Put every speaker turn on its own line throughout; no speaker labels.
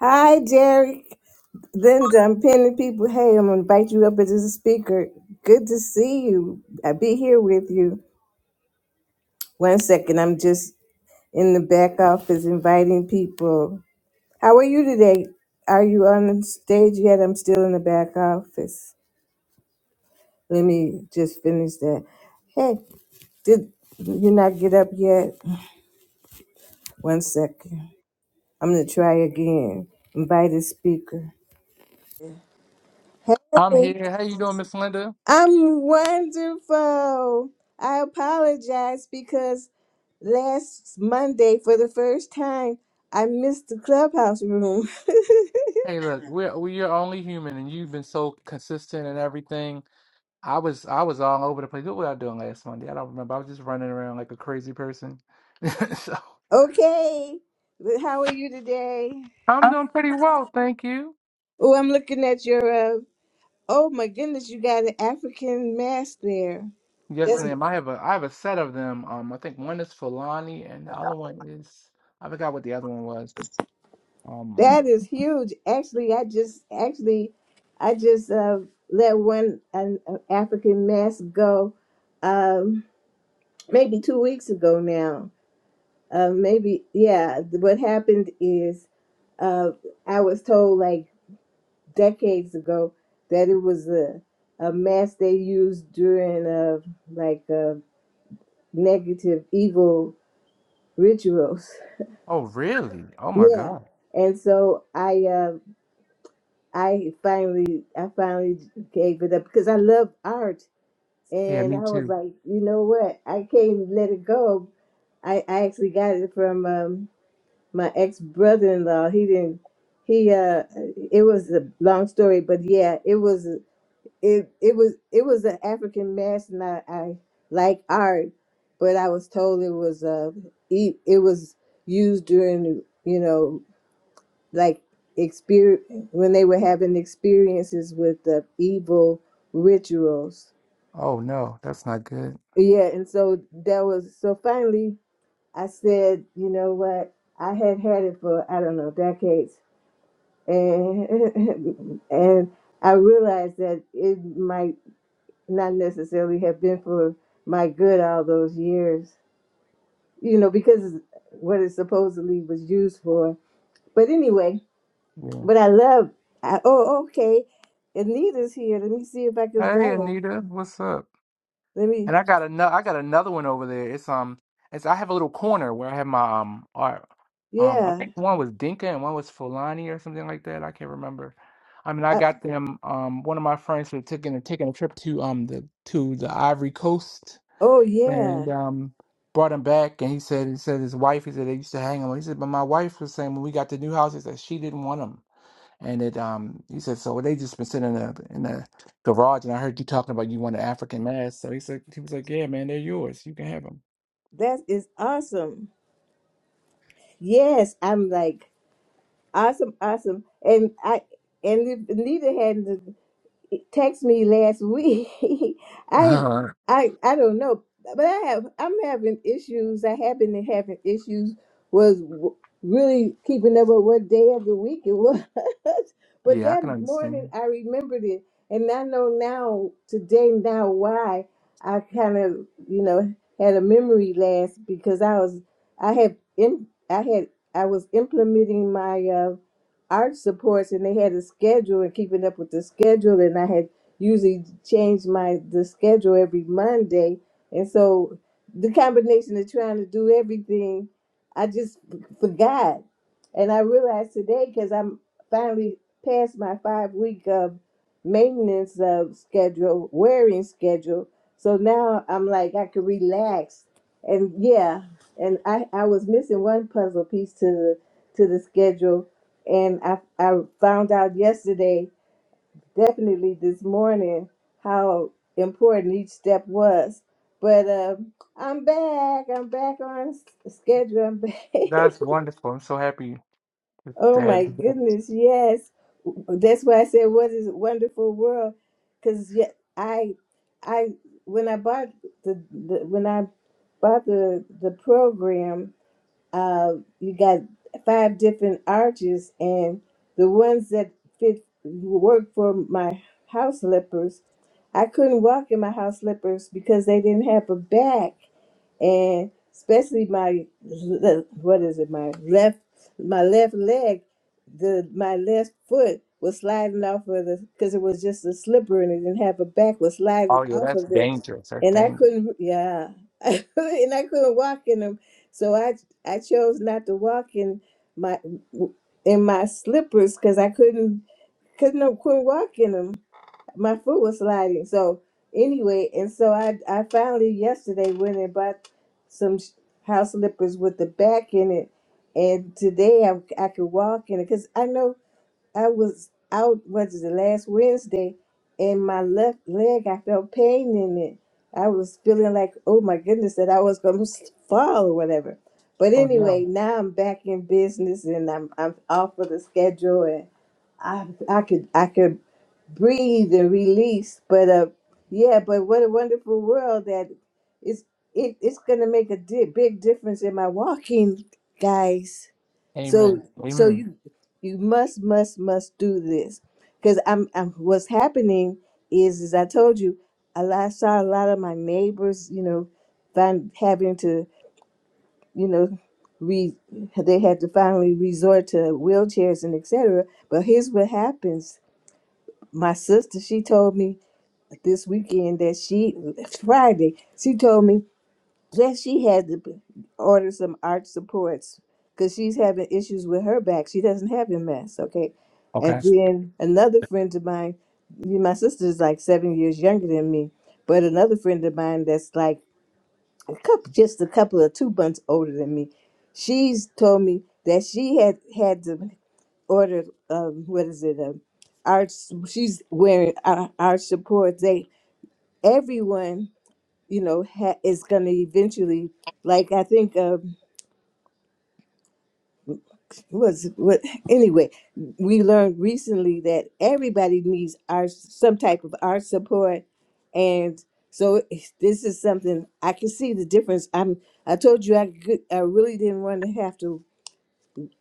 Hi, Jerry. Linda, I'm pinning people. Hey, I'm gonna invite you up as a speaker. Good to see you. I'll be here with you. One second, I'm just in the back office inviting people. How are you today? Are you on the stage yet? I'm still in the back office. Let me just finish that. Hey, did you not get up yet? One second. I'm gonna try again. Invite a speaker.
I'm here. How you doing, Miss Linda?
I'm wonderful. I apologize because last Monday, for the first time, I missed the clubhouse room.
Hey, look, we're we are only human, and you've been so consistent and everything. I was I was all over the place. What was I doing last Monday? I don't remember. I was just running around like a crazy person. so
okay, but how are you today?
I'm doing pretty well, thank you.
Oh, I'm looking at your. Uh, oh my goodness, you got an African mask there.
Yes,
That's
ma'am. I have a I have a set of them. Um, I think one is Fulani, and the other one is I forgot what the other one was. Um,
that is huge. Actually, I just actually, I just uh, let one an, an African mask go. Um, maybe two weeks ago now uh, maybe yeah what happened is uh, i was told like decades ago that it was a, a mask they used during uh, like uh, negative evil rituals
oh really? Oh my
yeah
God.
and so i uh, i finally i finally gave it up because i love art
Yeah,
and i
me
was
too.
like you know what i can't let it go i, I actually got it from um, my ex brother in law. He didn't. He uh, it was a long story, but yeah, it was it it was it was an African mass, and I, I like art, but I was told it was uh, it it was used during you know like exper when they were having experiences with the evil rituals.
Oh no, that's not good.
Yeah, and so that was so finally I said, you know what? I had had it for I don't know decades and and I realized that it might not necessarily have been for my good all those years, you know, because what it supposedly was used for. But anyway,
Yeah.
but I love. I, oh, okay. Anita's here. Let me see if I can buy
Hey,
her.
Anita, what's up?
Let me.
And I got another I got another one over there. It's um it's I have a little corner where I have my um art. Um I
Yeah.
think one was Dinka and one was Fulani or something like that. I can't remember. I mean I
I,
got them um one of my friends were taking taking a trip to um the to the Ivory Coast
oh, yeah.
and um brought him back and he said he said his wife he said they used to hang him. He said but my wife was saying when we got the new house he said she didn't want him. And it um he said, so they just been sitting in the in the garage and I heard you talking about you want an African mask. So he said he was like, Yeah, man, they're yours. You can have them.
That is awesome. Yes, I'm like awesome, awesome, and I and if Anita hadn't text me last week. I I I don't know, but I have I'm having issues. I have been having issues. Was w- really keeping up with what day of the week it was, but
yeah, I
that
can
morning
understand.
I remembered it, and I know now today now why I kind of you know had a memory lapse because I was I had in I had I was implementing my uh art supports and they had a schedule and keeping up with the schedule and I had usually changed my the schedule every Monday and so the combination of trying to do everything I just f- forgot and I realized today because I'm finally past my five week of maintenance of schedule wearing schedule so now I'm like I can relax and yeah and I I was missing one puzzle piece to the to the schedule and I, I found out yesterday, definitely this morning, how important each step was. But um, I'm back. I'm back on s- schedule. I'm back.
That's wonderful. I'm so happy to to
oh
have
my
you there.
goodness, yes. That's why I said, "What is a wonderful world?" Because yeah, I, I when I bought the, the when I bought the the program, uh, you got five different arches, and the ones that fit work for my house slippers. I couldn't walk in my house slippers because they didn't have a back and especially my le- what is it my left my left leg the my left foot was sliding off of the because it was just a slipper and it didn't have a back was sliding
Oh yeah,
off
that's
of it
dangerous. That's
and i
dangerous.
couldn't yeah and i couldn't walk in them so i i chose not to walk in my in my slippers because i couldn't couldn't, couldn't walk in 'em my foot was sliding. So anyway, and so I I finally yesterday went and bought some sh- house slippers with the back in it, and today I I could walk in it because I know I was out was it the last Wednesday, and my left leg I felt pain in it. I was feeling like oh my goodness that I was gonna fall or whatever. But
Oh yeah.
anyway, now I'm back in business and I'm I'm off of the schedule I I could I could breathe and release, but uh, yeah, but what a wonderful world that it's it, it's gonna make a di- big difference in my walking, guys.
Amen.
So so
Amen.
you you must must must do this because I'm, I'm what's happening is as I told you, a lot, I saw a lot of my neighbors, you know, find having to you know. Re, they had to finally resort to wheelchairs and etc. But here's what happens my sister, she told me this weekend that she Friday, she told me that she had to b- order some arch supports because she's having issues with her back. She doesn't have MS, okay?
Okay.
And then another friend of mine, me- my sister is like seven years younger than me, but another friend of mine that's like a couple, just a couple of two months older than me, she's told me that she had had to ordered um what is it um our she's wearing our, our support they everyone you know ha, is going to eventually like i think um was what anyway we learned recently that everybody needs our some type of our support and so this is something i can see the difference i'm i told you i could, i really didn't want to have to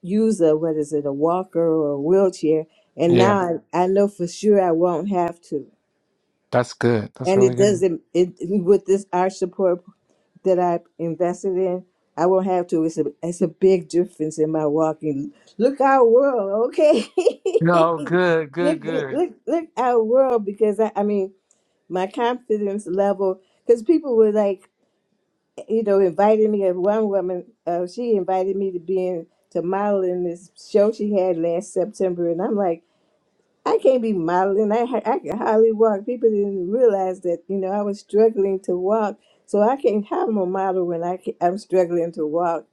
use a what is it a walker or a wheelchair and
Yeah,
now I, I know for sure I won't have to
that's good. That's
and
really
it
good.
doesn't it with this art support that I invested in I won't have to it's a it's a big difference in my walking look our world okay
No, good,
look
good, good.
look look our world because I, I mean my confidence level because people were like you know, invited me. And one woman, uh, she invited me to be in to model in this show she had last September, and I'm like, I can't be modeling. I ha- I can hardly walk. People didn't realize that you know I was struggling to walk, so I can't have a model when I can, I'm struggling to walk.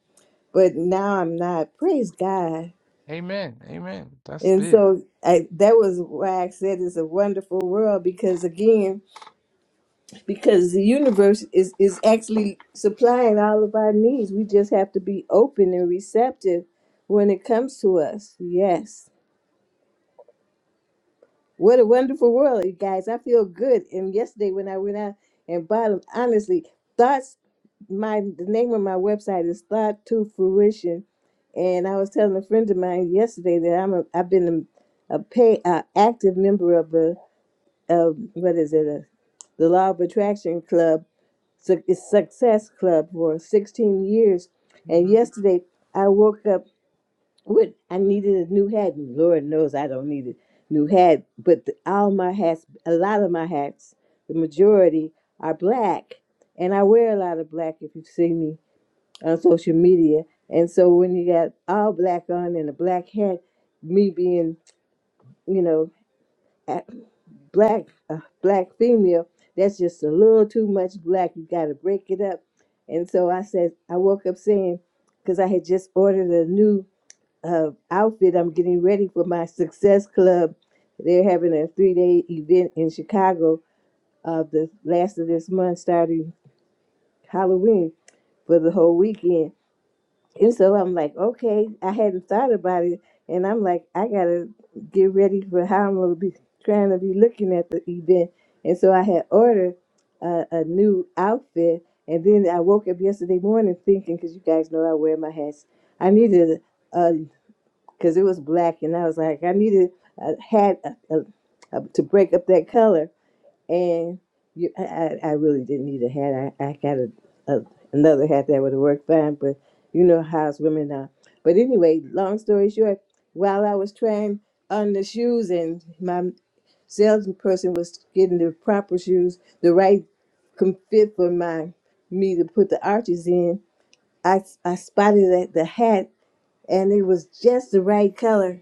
But now I'm not. Praise God.
Amen. Amen. That's
And
big.
so I, that was why I said it's a wonderful world because again because the universe is, is actually supplying all of our needs. We just have to be open and receptive when it comes to us. Yes. What a wonderful world, you guys. I feel good. And yesterday when I went out and bottom, honestly, thoughts my the name of my website is Thought to Fruition. And I was telling a friend of mine yesterday that I'm a I've been a, a pay uh, active member of a, of what is it, a, the Law of Attraction Club Suc- Success Club for 16 years. And yesterday I woke up with, I needed a new hat. And Lord knows I don't need a new hat, but the, all my hats, a lot of my hats, the majority are black. And I wear a lot of black if you see me on social media. And so when you got all black on and a black hat, me being, you know, black uh, black female that's just a little too much black you got to break it up and so i said i woke up saying because i had just ordered a new uh, outfit i'm getting ready for my success club they're having a three-day event in chicago of the last of this month starting halloween for the whole weekend and so I'm like, okay, I hadn't thought about it. And I'm like, I got to get ready for how I'm going to be trying to be looking at the event. And so I had ordered a, a new outfit. And then I woke up yesterday morning thinking, because you guys know I wear my hats, I needed, because it was black, and I was like, I needed a hat uh uh uh to break up that color. And you, I, I I really didn't need a hat. I, I got a, a, another hat that would have worked fine, but you know how us women are. But anyway, long story short, while I was trying on the shoes and my salesperson was getting the proper shoes, the right com- fit for my me to put the arches in, I, I spotted that the hat and it was just the right color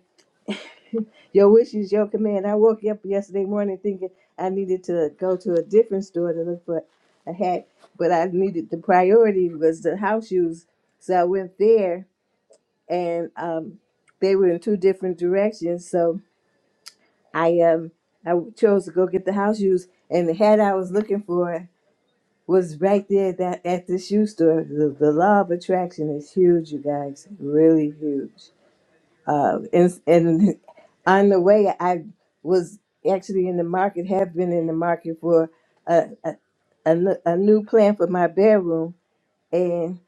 your wish is your command. I woke up yesterday morning thinking I needed to go to a different store to look for a hat, but I needed the priority was the house shoes. So I went there, and um, they were in two different directions. So I um I chose to go get the house shoes, and the hat I was looking for was right there at that at the shoe store. The, the law of attraction is huge, you guys, really huge. Uh, and, and on the way, I was actually in the market, have been in the market for a, a, a, n- a new plan for my bedroom. And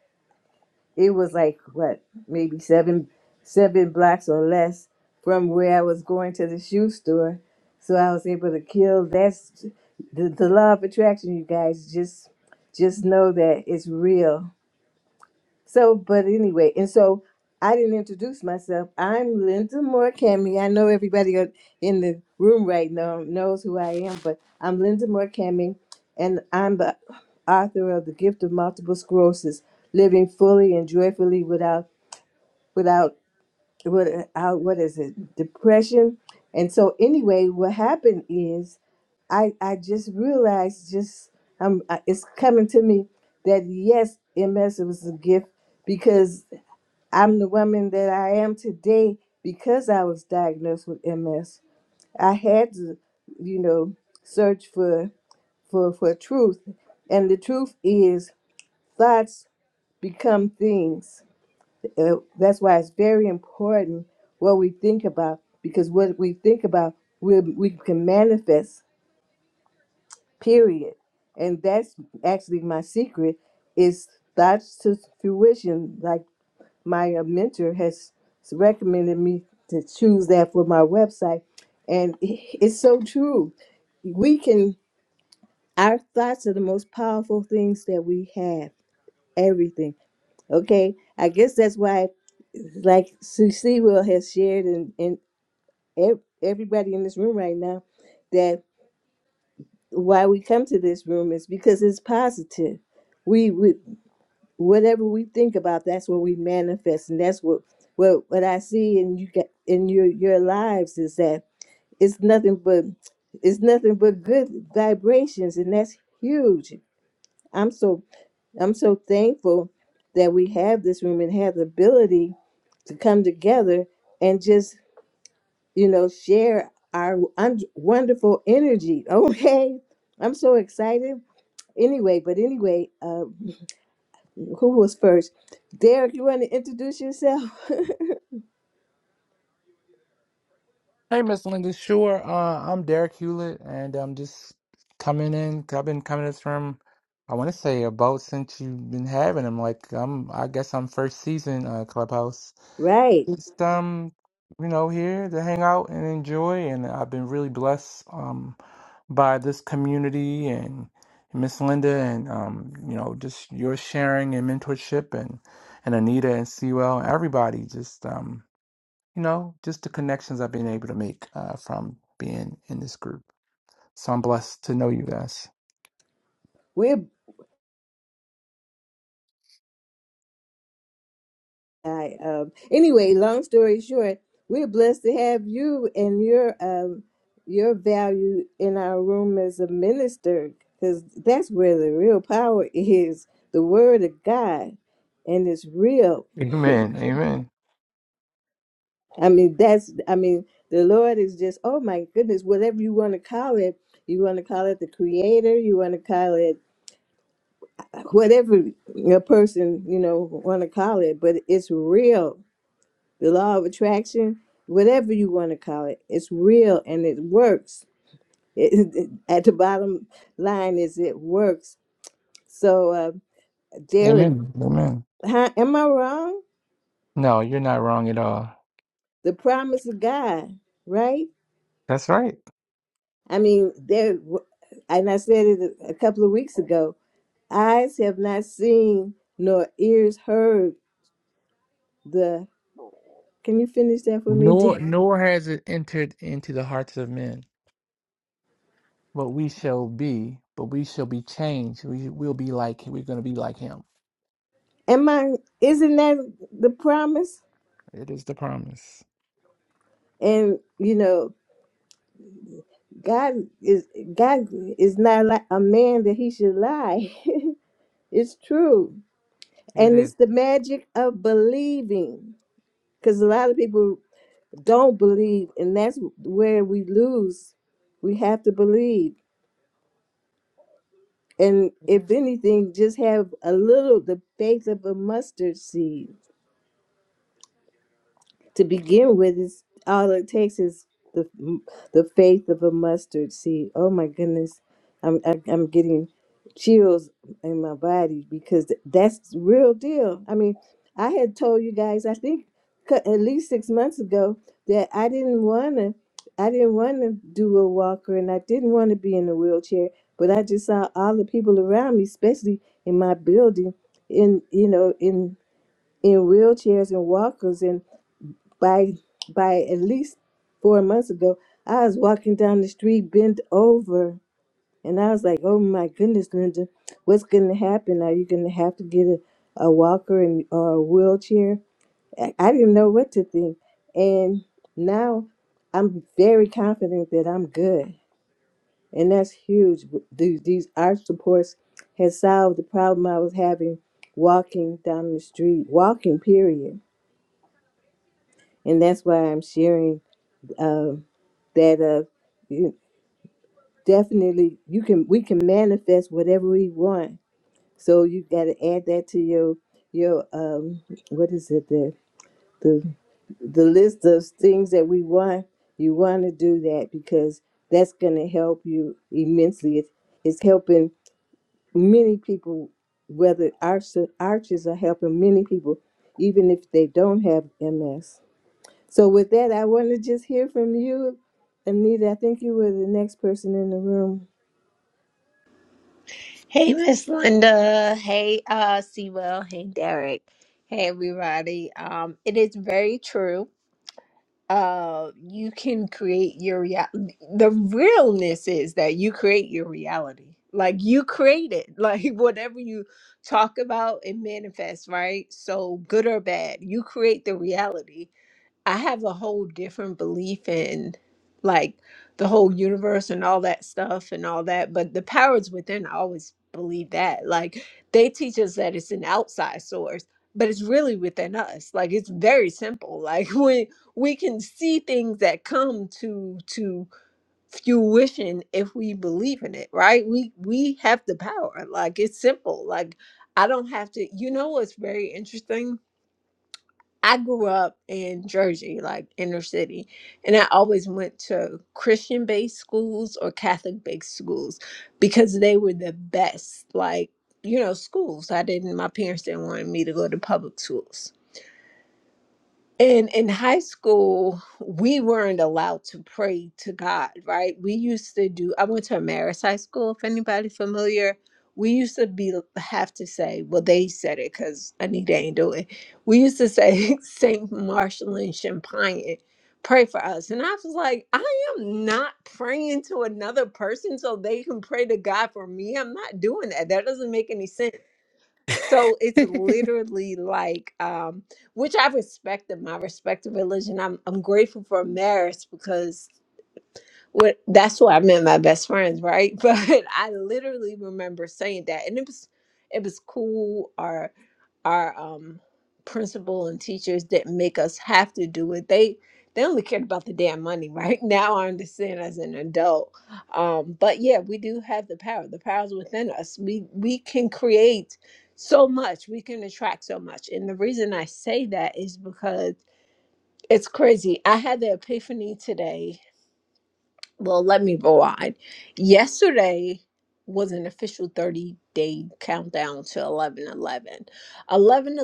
it was like, what, maybe seven, seven blocks or less from where I was going to the shoe store. So I was able to kill. That's the, the law of attraction, you guys. Just, just know that it's real so, but anyway, and so I didn't introduce myself. I'm Linda Moore Cammy. I know everybody on- in the room right now knows who I am, but I'm Linda Moore Cammy, and I'm the author of The Gift of Multiple Sclerosis: Living Fully and Joyfully Without Without Without What Is It? Depression. And so, anyway, what happened is I I just realized just um it's coming to me that yes, MS was a gift because I'm the woman that I am today because I was diagnosed with MS. I had to, you know, search for for for truth, and the truth is thoughts become things. Uh, that's why it's very important what we think about because what we think about we we can manifest. Period, and that's actually my secret is thoughts to fruition. Like my uh, mentor has recommended me to choose that for my website and it's so true we can our thoughts are the most powerful things that we have everything okay i guess that's why like Cece will has shared and, and ev- everybody in this room right now that why we come to this room is because it's positive We we. whatever we think about that's what we manifest and that's what what what i see in you get in your your lives is that it's nothing but it's nothing but good vibrations and that's huge i'm so i'm so thankful that we have this room and have the ability to come together and just you know share our un- wonderful energy okay i'm so excited anyway but anyway uh, Who was first? Derek, you want to introduce yourself?
Hey, Miss Linda. Sure. Uh, I'm Derek Hewlett, and I'm just coming in. I've been coming to this room. I want to say about since you've been having them. Like I'm, I guess I'm first season uh, Clubhouse.
right.
Just um, you know, here to hang out and enjoy. And I've been really blessed um by this community and Miss Linda, and um, you know, just your sharing and mentorship, and and Anita and Sewell and everybody. Just um you know, just the connections I've been able to make uh, from being in this group. So I'm blessed to know you guys.
We're I, um, anyway. Long story short, we're blessed to have you and your um, your value in our room as a minister, because that's where the real power is. The word of God, and it's real.
Amen. Amen.
I mean, that's, I mean, the Lord is just, oh my goodness, whatever you want to call it. You want to call it the creator, you want to call it whatever a person you know want to call it but it's real the law of attraction whatever you want to call it it's real and it works it, at the bottom line is it works so uh, derek
Amen. Amen.
huh, am i wrong
No, you're not wrong at all.
the promise of god right
That's right.
i mean there and i said it a couple of weeks ago eyes have not seen nor ears heard the can you finish that for me dear?
Nor nor has it entered into the hearts of men what we shall be, but we shall be changed. We will be like we're going to be like him.
Am I? Isn't that the promise?
It is the promise.
And you know, God is God is not like a man that he should lie. it's true,
It
and
is.
it's the magic of believing. Because a lot of people don't believe, and that's where we lose. We have to believe, and if anything, just have a little the faith of a mustard seed to begin with is all it takes is the the faith of a mustard seed. Oh my goodness, I'm I, I'm getting chills in my body because th- that's real deal. I mean, I had told you guys I think c- at least six months ago that I didn't wanna I didn't wanna do a walker and I didn't want to be in a wheelchair, but I just saw all the people around me, especially in my building, in you know in in wheelchairs and walkers and by by at least four months ago, I was walking down the street, bent over, and I was like, "Oh my goodness, Linda, what's going to happen? Are you going to have to get a, a walker and or a wheelchair?" I, I didn't know what to think, and now I'm very confident that I'm good, and that's huge. These these arch supports has solved the problem I was having walking down the street, walking period, and that's why I'm sharing. Um, that uh you definitely you can we can manifest whatever we want so you got to add that to your your um what is it the the the list of things that we want you want to do that because that's going to help you immensely it's, it's helping many people whether arch, arches are helping many people even if they don't have ms so with that i want to just hear from you anita i think you were the next person in the room
Hey, Miss Linda. Hey, uh, Sewell. Hey, Derek. Hey, everybody. Um, it is very true. Uh, you can create your reality. The realness is that you create your reality. Like you create it. Like whatever you talk about, it manifests, right? So good or bad, you create the reality I have a whole different belief in like the whole universe and all that stuff and all that, but the powers within, I always believe that. Like they teach us that it's an outside source, but it's really within us. Like it's very simple. Like we we can see things that come to to fruition if we believe in it, right? We we have the power. Like it's simple. Like I don't have to you know what's very interesting? I grew up in Jersey, like inner city, and I always went to Christian based schools or Catholic based schools because they were the best, like, you know, schools. I didn't, my parents didn't want me to go to public schools. And in high school, we weren't allowed to pray to God, right? We used to do, I went to Ameris High School, if anybody familiar. We used to be have to say, well, they said it because Anita ain't do it. We used to say, Saint Marshall and Champagne, pray for us. And I was like, I am not praying to another person so they can pray to God for me. I'm not doing that. That doesn't make any sense
Amen.
so it's literally like, um, which I respect them. I respect the religion. I'm I'm grateful for marriage because what that's what I meant my best friends, right? But I literally remember saying that and it was it was cool our our um principal and teachers didn't make us have to do it. They they only cared about the damn money, right? Now I understand as an adult. Um but yeah, we do have the power. The power's within us. We we can create so much. We can attract so much. And the reason I say that is because it's crazy. I had the epiphany today well, let me provide. Yesterday was an official 30 day countdown to 11 11. 11 11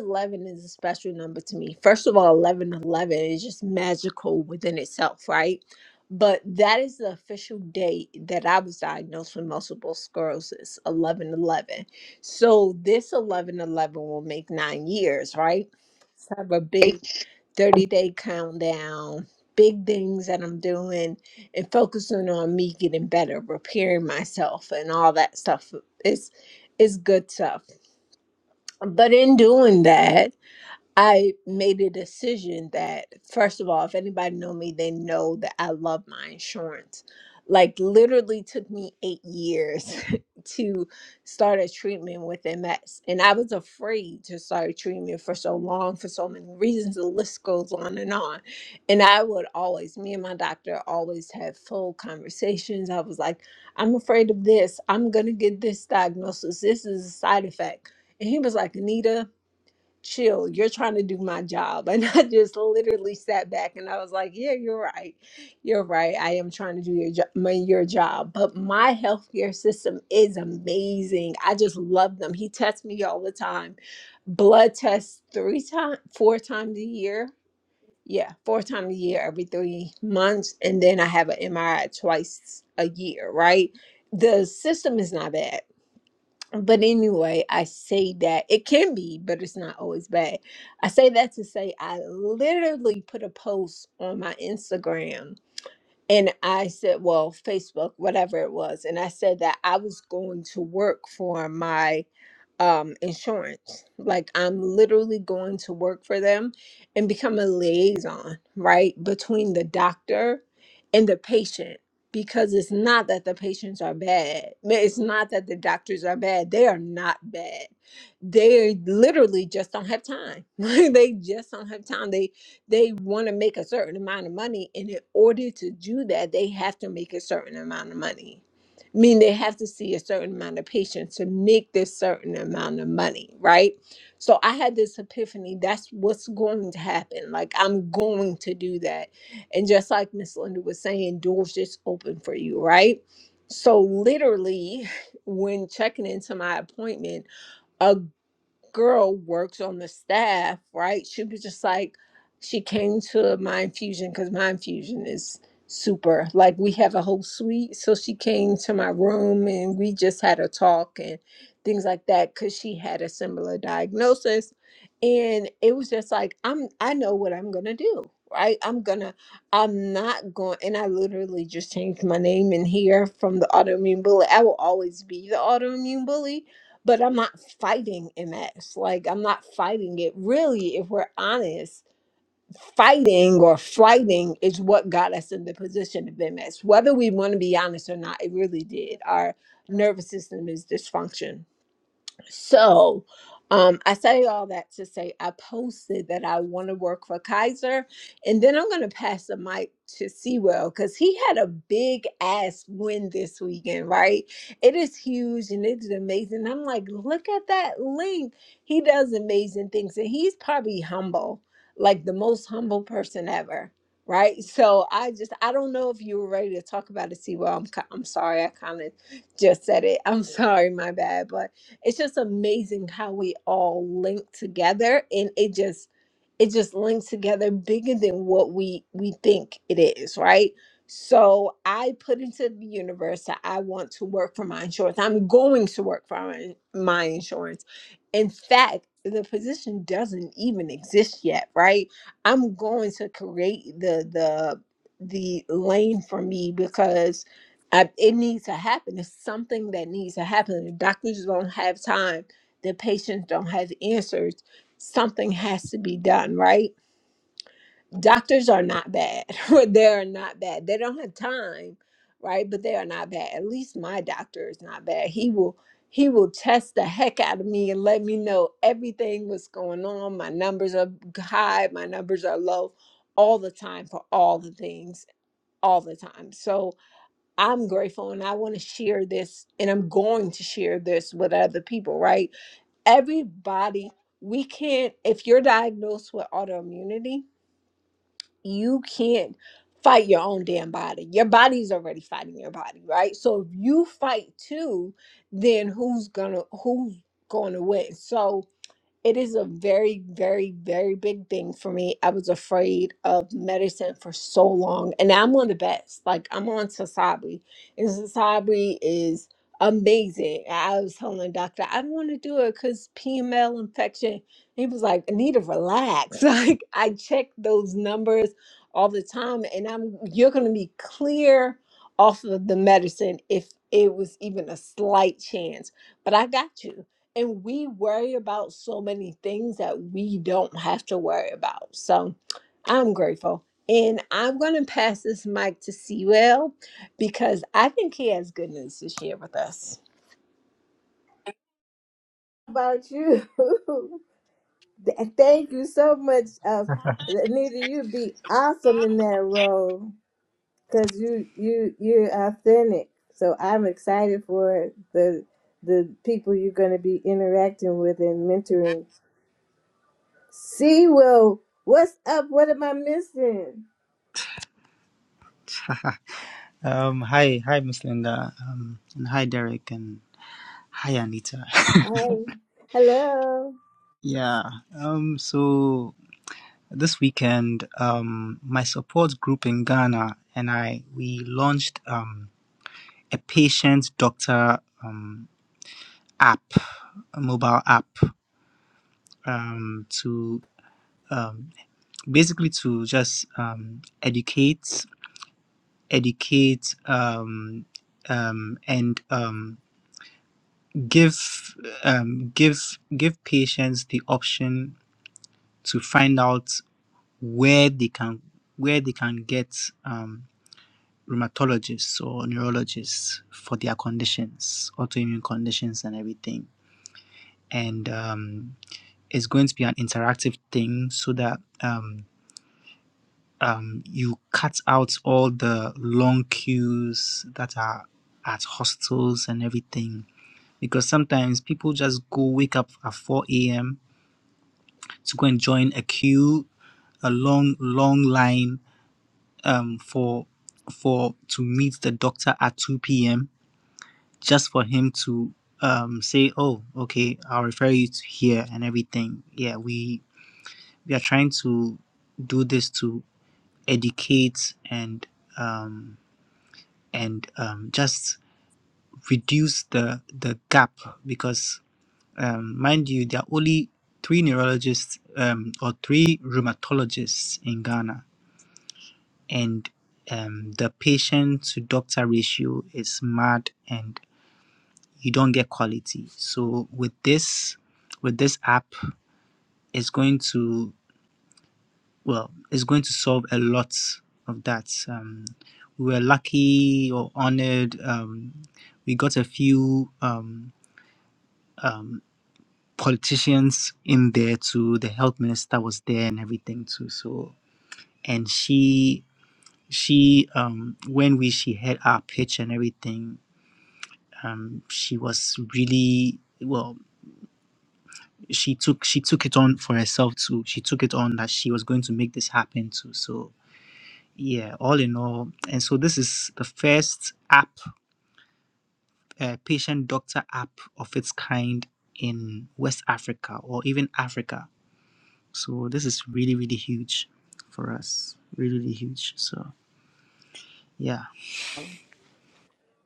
is a special number to me. First of all, 11 11 is just magical within itself, right? But that is the official date that I was diagnosed with multiple sclerosis, 11 11. So this 11 11 will make nine years, right? So I have a big 30 day countdown, big things that I'm doing and focusing on me getting better, repairing myself and all that stuff is is good stuff. But in doing that, I made a decision that, first of all, if anybody know me, they know that I love my insurance. Like literally took me eight years to start a treatment with MS. And I was afraid to start a treatment for so long, for so many reasons. The list goes on and on. And I would always, me and my doctor always had full conversations. I was like, I'm afraid of this. I'm gonna get this diagnosis. This is a side effect. And he was like, Anita, chill, you're trying to do my job. And I just literally sat back and I was like, yeah, you're right. You're right. I am trying to do your job, my, your job. But my healthcare system is amazing. I just love them. He tests me all the time. Blood tests three times, four times a year. Yeah, four times a year, every three months. And then I have an MRI twice a year, right? The system is not bad but anyway, I say that it can be, but it's not always bad. I say that to say I literally put a post on my Instagram and I said, well, Facebook, whatever it was. And I said that I was going to work for my um, insurance. Like, I'm literally going to work for them and become a liaison, right, between the doctor and the patient. Because it's not that the patients are bad. Ma- It's not that the doctors are bad. They are not bad. They literally just don't have time. they just don't have time. They they want to make a certain amount of money and in order to do that they have to make a certain amount of money I mean they have to see a certain amount of patients to make this certain amount of money right so i had this epiphany that's what's going to happen like i'm going to do that and just like miss linda was saying doors just open for you right so literally when checking into my appointment a girl works on the staff, right? She was just like, she came to Mind Fusion because Mind Fusion is super. Like, we have a whole suite. So she came to my room and we just had a talk and things like that because she had a similar diagnosis. And it was just like, I'm, I know what I'm going to do. Right. I'm gonna, I'm not going, and I literally just changed my name in here from the autoimmune bully. I will always be the autoimmune bully but I'm not fighting MS. Like, I'm not fighting it. Really, if we're honest, fighting or fighting is what got us in the position of MS. Whether we want to be honest or not, it really did. Our nervous system is dysfunction so um, I say all that to say I posted that I want to work for Kaiser. And then I'm going to pass the mic to Sewell because he had a big ass win this weekend, right? It is huge and it is amazing. I'm like, look at that link. He does amazing things and he's probably humble, like the most humble person ever. Right. So I just, I don't know if you were ready to talk about it, Sewell. I'm, ki- I'm sorry. I kind of just said it. I'm sorry. My bad. But it's just amazing how we all link together and it just it just links together bigger than what we we think it is right so i put into the universe that i want to work for my insurance i'm going to work for my, my insurance in fact the position doesn't even exist yet right i'm going to create the the the lane for me because. I, it needs to happen. It's something that needs to happen. The doctors don't have time. The patients don't have answers. Something has to be done, right? Doctors are not bad. they are not bad. They don't have time, right? But they are not bad. At least my doctor is not bad. He will he will test the heck out of me and let me know everything what's going on. My numbers are high. My numbers are low, all the time for all the things, all the time. So I'm grateful and I want to share this and I'm going to share this with other people, right? Everybody, we can't, if you're diagnosed with autoimmunity, you can't fight your own damn body. Your body's already fighting your body, right? So if you fight too, then who's gonna, who's going to win? So, it is a very, very, very big thing for me. I was afraid of medicine for so long, and I'm on the best. Like I'm on Sasabi, and Sasabi is amazing. I was telling the doctor I don't want to do it because PML infection. He was like, "I need to relax." Like I check those numbers all the time, and I'm you're gonna be clear off of the medicine if it was even a slight chance. But I got you and we worry about so many things that we don't have to worry about. So I'm grateful. And I'm going to pass this mic to Sewell because I think he has good news to share with us.
about you. Th- Thank you so much, uh, Anita. You be awesome in that role because you you you're authentic. So I'm excited for the the people you're going to be interacting with and mentoring. See, well, what's up? What am I missing?
um, hi, hi, Miss Linda. Um, and hi, Derek, and hi, Anita.
Hi, hello.
yeah. Um, so this weekend, um, my support group in Ghana and I we launched um a patient doctor um app, a mobile app, um to um basically to just um educate, educate um um and um give um, give give patients the option to find out where they can where they can get um, rheumatologists or neurologists for their conditions, autoimmune conditions, and everything. And um, it's going to be an interactive thing so that um, um, you cut out all the long queues that are at hostels and everything because sometimes people just go wake up at 4 a.m to go and join a queue, a long, long line um, for for to meet the doctor at 2 p.m. just for him to um, say, "Oh, okay, I'll refer you to here and everything." Yeah, we we are trying to do this to educate and um, and um, just reduce the the gap because um, mind you, there are only three neurologists um, or three rheumatologists in Ghana and um, the patient to doctor ratio is mad and you don't get quality so with this with this app it's going to well it's going to solve a lot of that um, we were lucky or honored um, we got a few um, um, politicians in there too the health minister was there and everything too so and she she um when we she had our pitch and everything um, she was really well she took she took it on for herself too she took it on that she was going to make this happen too so yeah all in all and so this is the first app uh, patient doctor app of its kind in west africa or even africa so this is really really huge for us really really huge so yeah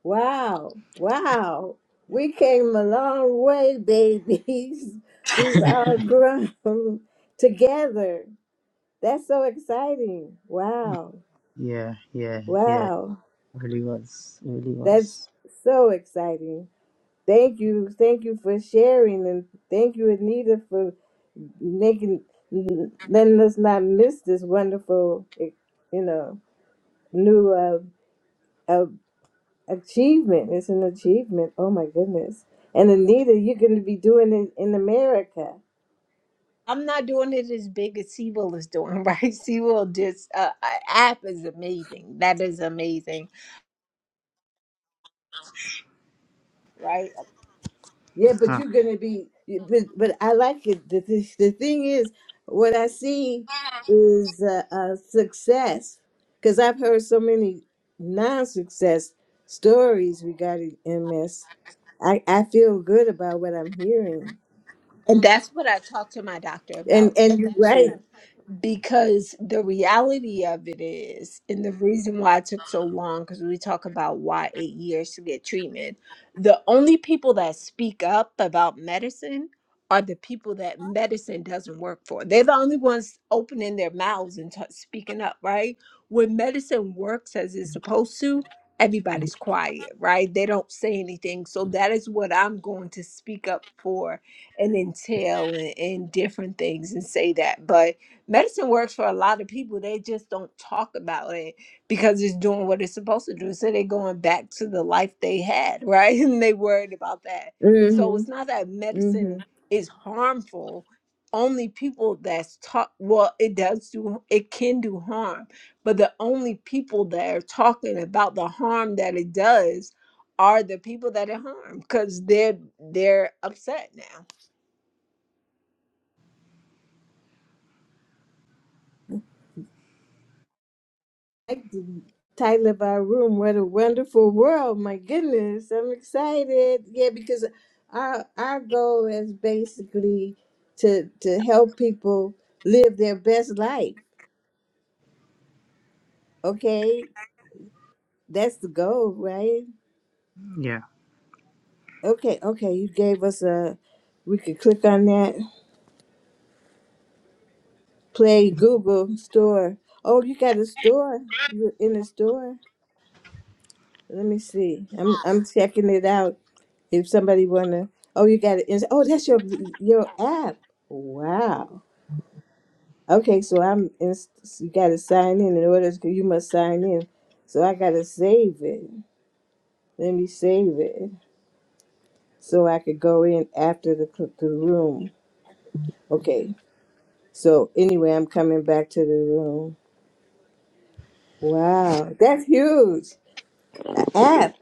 Wow, wow. We came a long way, babies. We've all grown together. That's so exciting. Wow.
yeah yeah yeah
Wow.
really was really
That's
was
so exciting. Thank you. Thank you for sharing and thank you Anita for making letting us not miss this wonderful eh, you know new uh, uh, achievement. It's an achievement. Oh my goodness. And Anita, you're going to be doing it in America.
I'm not doing it as big as Sewell is doing, right? Sewell just, uh, uh, app is amazing. That is amazing, right?
Yeah, but
huh.
you're gonna be. But, but I like it. The, the, the thing is, what I see is uh, uh, success, because I've heard so many non-success stories regarding MS. I, I feel good about what I'm hearing,
And that's what I talked to my doctor
and
about
and you're right.
too because the reality of it is, and the reason why it took so long, because we talk about why eight years to get treatment, the only people that speak up about medicine are the people that medicine doesn't work for. They're the only ones opening their mouths and t- speaking up, right? When medicine works as it's supposed to, everybody's quiet, right? They don't say anything. So that is what I'm going to speak up for and entail and, and different things and say that. But medicine works for a lot of people they just don't talk about it because it's doing what it's supposed to do so they're going back to the life they had right and they worried about that so
Mm-hmm.
it's not that
mm-hmm.
medicine is harmful only people that's talk. well it does do it can do harm but the only people that are talking about the harm that it does are the people that it harmed because they're they're upset now
like the title of our room. What a wonderful world! My goodness, I'm excited. Yeah, because our our goal is basically to to help people live their best life. Okay, that's the goal, right?
yeah
Okay, okay. You gave us a. We could click on that. Play Google Store. Oh, you got a store. You're in a store. Let me see. I'm I'm checking it out. if somebody wanna oh you got it oh that's your your app wow okay so i'm in, you gotta sign in in order to, you must sign in so i gotta save it let me save it so i could go in after the cl- the room okay so anyway i'm coming back to the room wow that's huge an app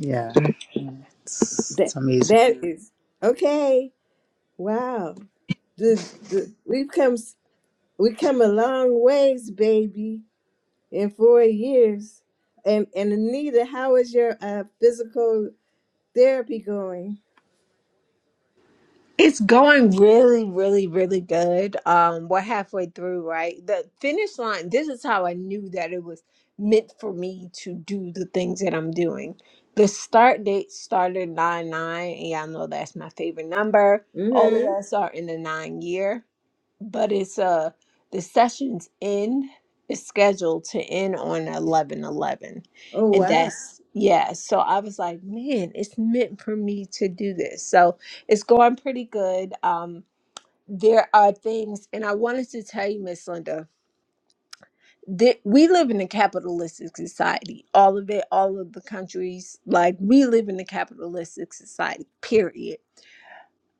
yeah it's,
that
it's amazing
that is okay wow the, the we've come s- we come a long ways baby in four years. And and Anita, how is your uh, physical therapy going?
It's going really, really, really good. Um, we're halfway through, right? The finish line, this is how I knew that it was meant for me to do the things that I'm doing. The start date started 9 9, and y'all know that's my favorite number. All of
Mm-hmm.
us are in the nine year but it's uh the session's end is scheduled to end on eleven eleven,
Oh
and
wow!
that's yeah so i was like man it's meant for me to do this so it's going pretty good um there are things and i wanted to tell you miss linda that we live in a capitalistic society all of it all of the countries like we live in a capitalistic society period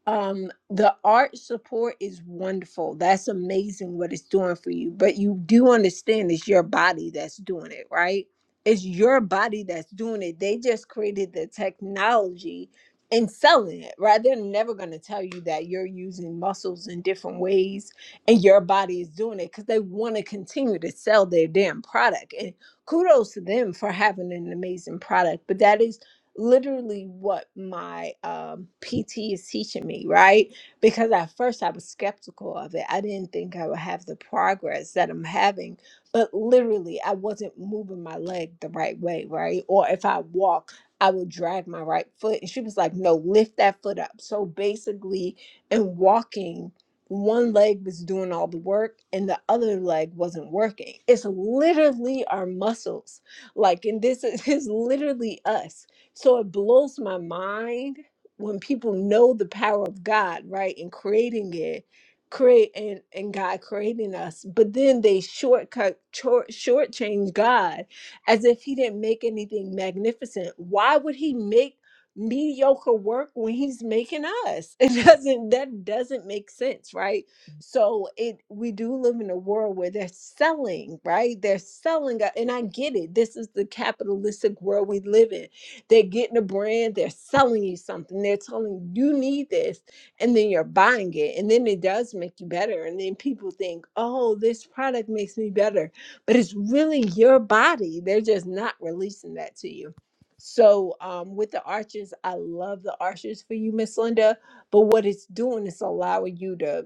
um, the art support is wonderful. That's amazing what it's doing for you. But you do understand it's your body that's doing it, right? It's your body that's doing it. They just created the technology and selling it, right? They're never going to tell you that you're using muscles in different ways and your body is doing it because they want to continue to sell their damn product. And kudos to them for having an amazing product. But that is literally what my um, PT is teaching me, right? Because at first I was skeptical of it. I didn't think I would have the progress that I'm having, but literally I wasn't moving my leg the right way, right? Or if I walk, I would drag my right foot. And she was like, no, lift that foot up. So basically, in walking, one leg was doing all the work and the other leg wasn't working. It's literally our muscles. Like, and this is, is literally us so it blows my mind when people know the power of God, right? In creating it, create and, and God creating us, but then they shortcut short shortchange God as if he didn't make anything magnificent. Why would he make mediocre work when he's making us? It doesn't that doesn't make sense, right? So it we do live in a world where they're selling, right? They're selling uh, and I get it. This is the capitalistic world we live in they're getting a brand, they're selling you something, they're telling you "You need this, and then you're buying it, and then it does make you better. And then people think, oh, this product makes me better, but it's really your body. They're just not releasing that to you. So, um, with the arches, I love the arches for you, Miss Linda. But what it's doing is allowing you to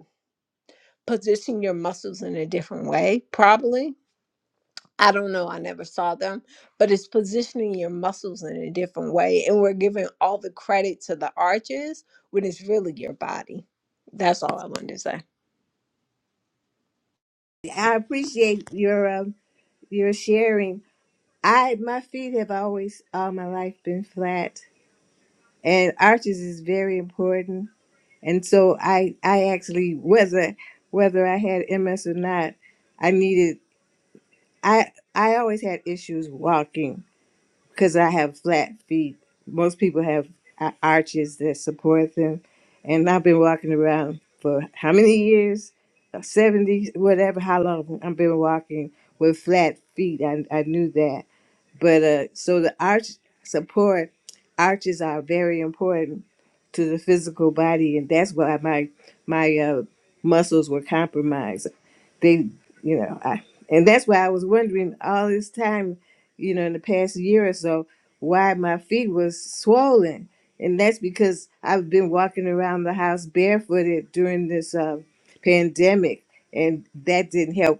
position your muscles in a different way, probably I don't know, I never saw them, but it's positioning your muscles in a different way. And we're giving all the credit to the arches when it's really your body. That's all I wanted to say.
I appreciate your um, your sharing. I my feet have always all my life been flat, and arches is very important. And so I I actually whether whether I had MS or not, I needed I I always had issues walking because I have flat feet. Most people have a- arches that support them. And I've been walking around for how many years? Uh, 70, whatever, how long I've been walking with flat feet. I, I knew that. But uh, so the arch support arches are very important to the physical body, and that's why my my uh, muscles were compromised. They, you know, I, and that's why I was wondering all this time, you know, in the past year or so, why my feet was swollen, and that's because I've been walking around the house barefooted during this uh, pandemic, and that didn't help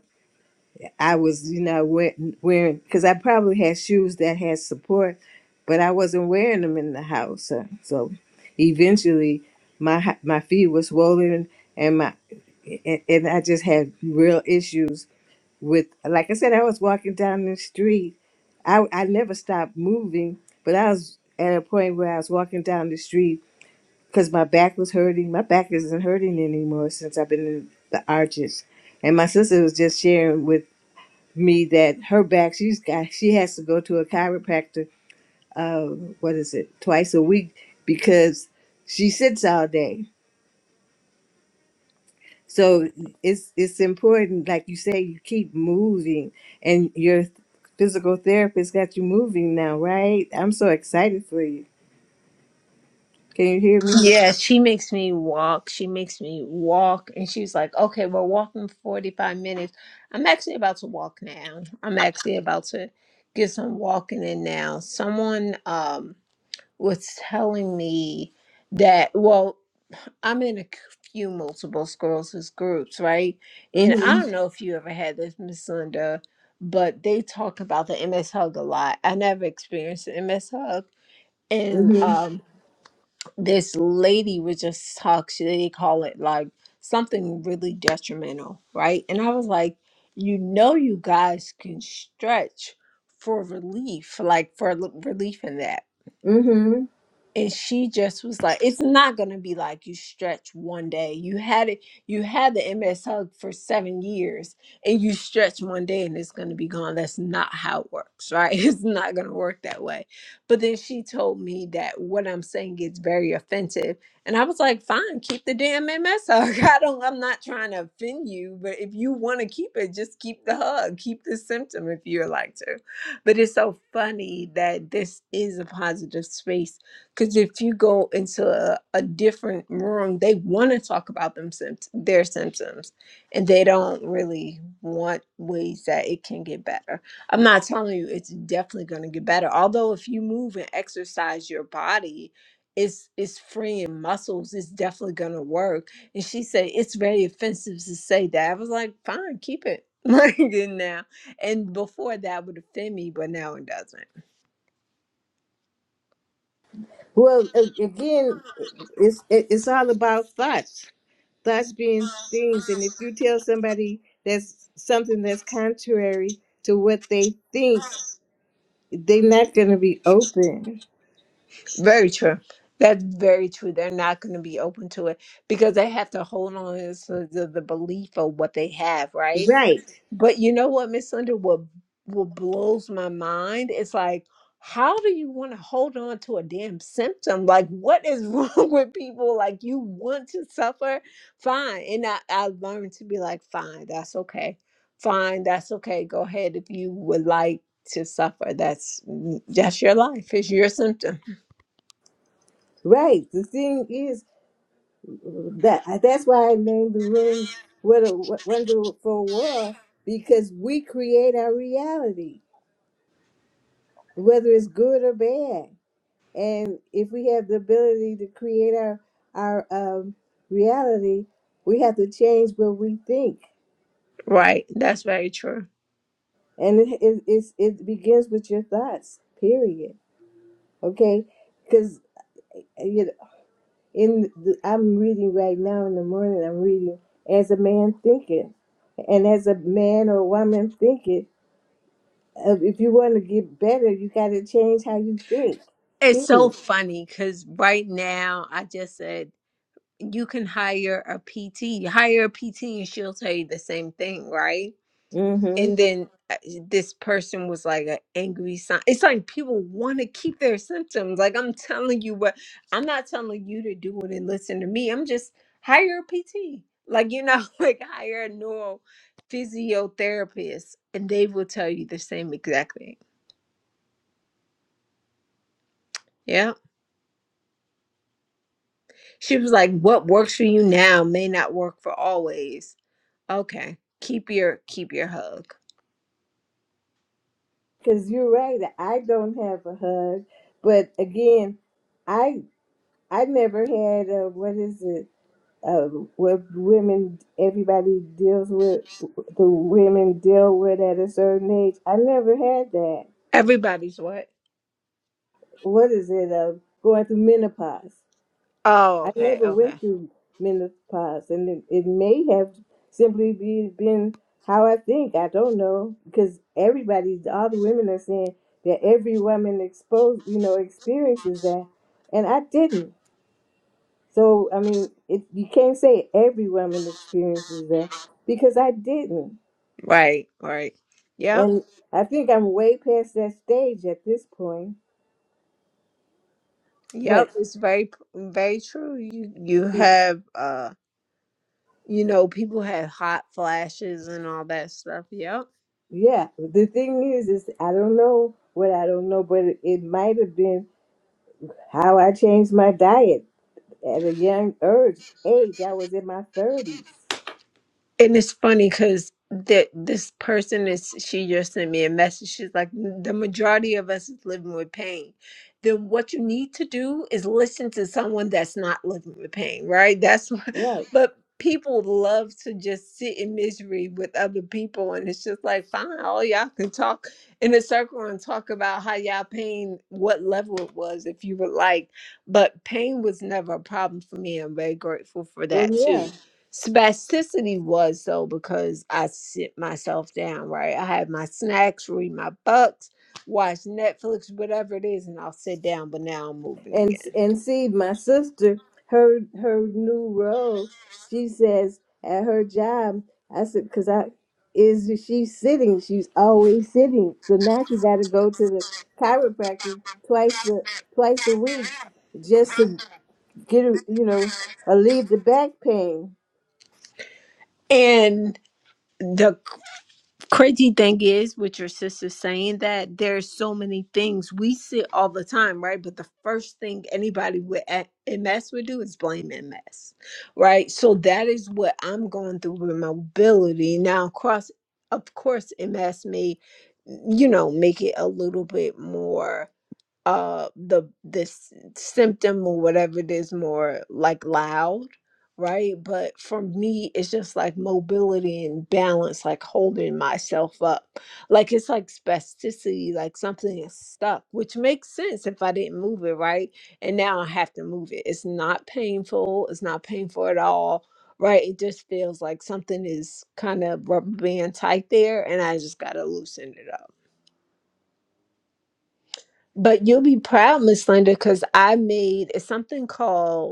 I was, you know, wearing, wearing because I probably had shoes that had support, but I wasn't wearing them in the house. So, so eventually, my h- my feet were swollen, and my and, and I just had real issues with. Like I said, I was walking down the street. I I never stopped moving, but I was at a point where I was walking down the street because my back was hurting. My back isn't hurting anymore since I've been in the arches, and my sister was just sharing with me that her back she's got she has to go to a chiropractor uh what is it twice a week because she sits all day so it's it's important like you say you keep moving and your physical therapist got you moving now right i'm so excited for you can you hear me
Yeah, she makes me walk. She makes me walk. And she's like, okay, we're walking 45 minutes. I'm actually about to walk now. I'm actually about to get some walking in now. Someone um was telling me that, well, I'm in a c- few multiple sclerosis groups, right?
mm
And I
mhm
don't know if you ever had this, Miss Linda, but they talk about the MS hug a lot. I never experienced the MS hug. And
mm mhm
um, this lady would just talk, she, they call it like something really detrimental, right? And I was like, you know, you guys can stretch for relief, like for l- relief in that
mm mhm
and she just was like it's not going to be like you stretch one day you had it you had the ms hug for seven years and you stretch one day and it's going to be gone that's not how it works right it's not going to work that way but then she told me that what i'm saying gets very offensive and i was like fine keep the damn ms hug i don't i'm not trying to offend you but if you want to keep it just keep the hug keep the symptom if you would like to but it's so funny that this is a positive space because if you go into a, a different room, they want to talk about them symptoms, their symptoms, and they don't really want ways that it can get better. I'm not telling you it's definitely going to get better. Although if you move and exercise your body, it's it's freeing muscles. It's definitely going to work. And she said it's very offensive to say that. I was like, fine, keep it. Like and now, and before that would offend me, but now it doesn't.
well a- again it's it- it's all about thought thus being things and if you tell somebody that's something that's contrary to what they think they're not going to be open
Very true. That's very true. They're not going to be open to it because they have to hold on to the, the belief of what they have, right?
Right.
But you know what, Miss Underwood, what what blows my mind? It's like, how do you want to hold on to a damn symptom? Like, what is wrong with people? Like, you want to suffer? Fine. And I, I learned to be like, fine, that's okay. Fine, that's okay. Go ahead if you would like to suffer. That's mm, that's your life. It's your symptom
right the thing is that uh, that's why i named the room what a W- wonderful world because we create our reality whether it's good or bad and if we have the ability to create our our um, reality we have to change what we think
Right. That's very true.
and it it it's, it begins with your thoughts period okay because you know, in the, i'm reading right now in the morning i'm reading as a man thinketh and as a man or woman thinketh uh, if you want to get better you got to change how you think
It's so
period
funny because right now I just said you can hire a PT. You hire a PT and she'll tell you the same thing, right?
mm-hmm
And then uh, this person was like an angry sign. It's like people want to keep their symptoms. Like I'm telling you what, I'm not telling you to do it and listen to me. I'm just hire a PT. Like, you know, like hire a neuro physiotherapist and they will tell you the same exact thing. Yeah. She was like, "What works for you now may not work for always." Okay, keep your keep your hug.
because you're right i don't have a hug but again i i never had a what is it um, what women, everybody deals with, the women deal with at a certain age. I never had that.
Everybody's what?
What is it? Uh, going through menopause.
Oh,
I
okay,
never
okay,
went through menopause, and it, it may have simply be, been how I think. I don't know because everybody, all the women are saying that every woman exposed, you know, experiences that, and I didn't. So I mean, it, you can't say every woman experiences that because I didn't,
right, right. Yep,
and I think I'm way past that stage at this point. But
yep. It's very very true. You you have uh you know people have hot flashes and all that stuff. Yep.
yeah, the thing is, is I don't know what I don't know, but it, it might have been how I changed my diet at a young urge, age. I was in my thirties,
And it's funny because that this person is she just sent me a message. She's like, the majority of us is living with pain. Then what you need to do is listen to someone that's not living with pain, right? That's what,
right?
but people love to just sit in misery with other people, and it's just like, fine, all y'all can talk in a circle and talk about how y'all pain, what level it was, if you would like. But pain was never a problem for me. I'm very grateful for
Well,
that too.
yeah.
Spasticity was so because I sit myself down, right? I have my snacks, read my books, watch Netflix, whatever it is, and I'll sit down, but now I'm moving
and
again.
and see my sister her her new role she says at her job i said because i is she's sitting she's always sitting so now she got to go to the chiropractor twice a twice a week just to get a- you know alleviate the back pain
And the crazy thing is with your sister saying that there's so many things we see all the time right but the first thing anybody with a- ms would do is blame ms right so that is what i'm going through with mobility now across of course ms may you know make it a little bit more uh the this symptom or whatever it is more like loud right but for me it's just like mobility and balance like holding myself up like it's like spasticity like something is stuck which makes sense if i didn't move it right and now i have to move it it's not painful it's not painful at all right it just feels like something is kind of rubber band tight there and i just gotta loosen it up but you'll be proud, Miss Linda, because I made it's something called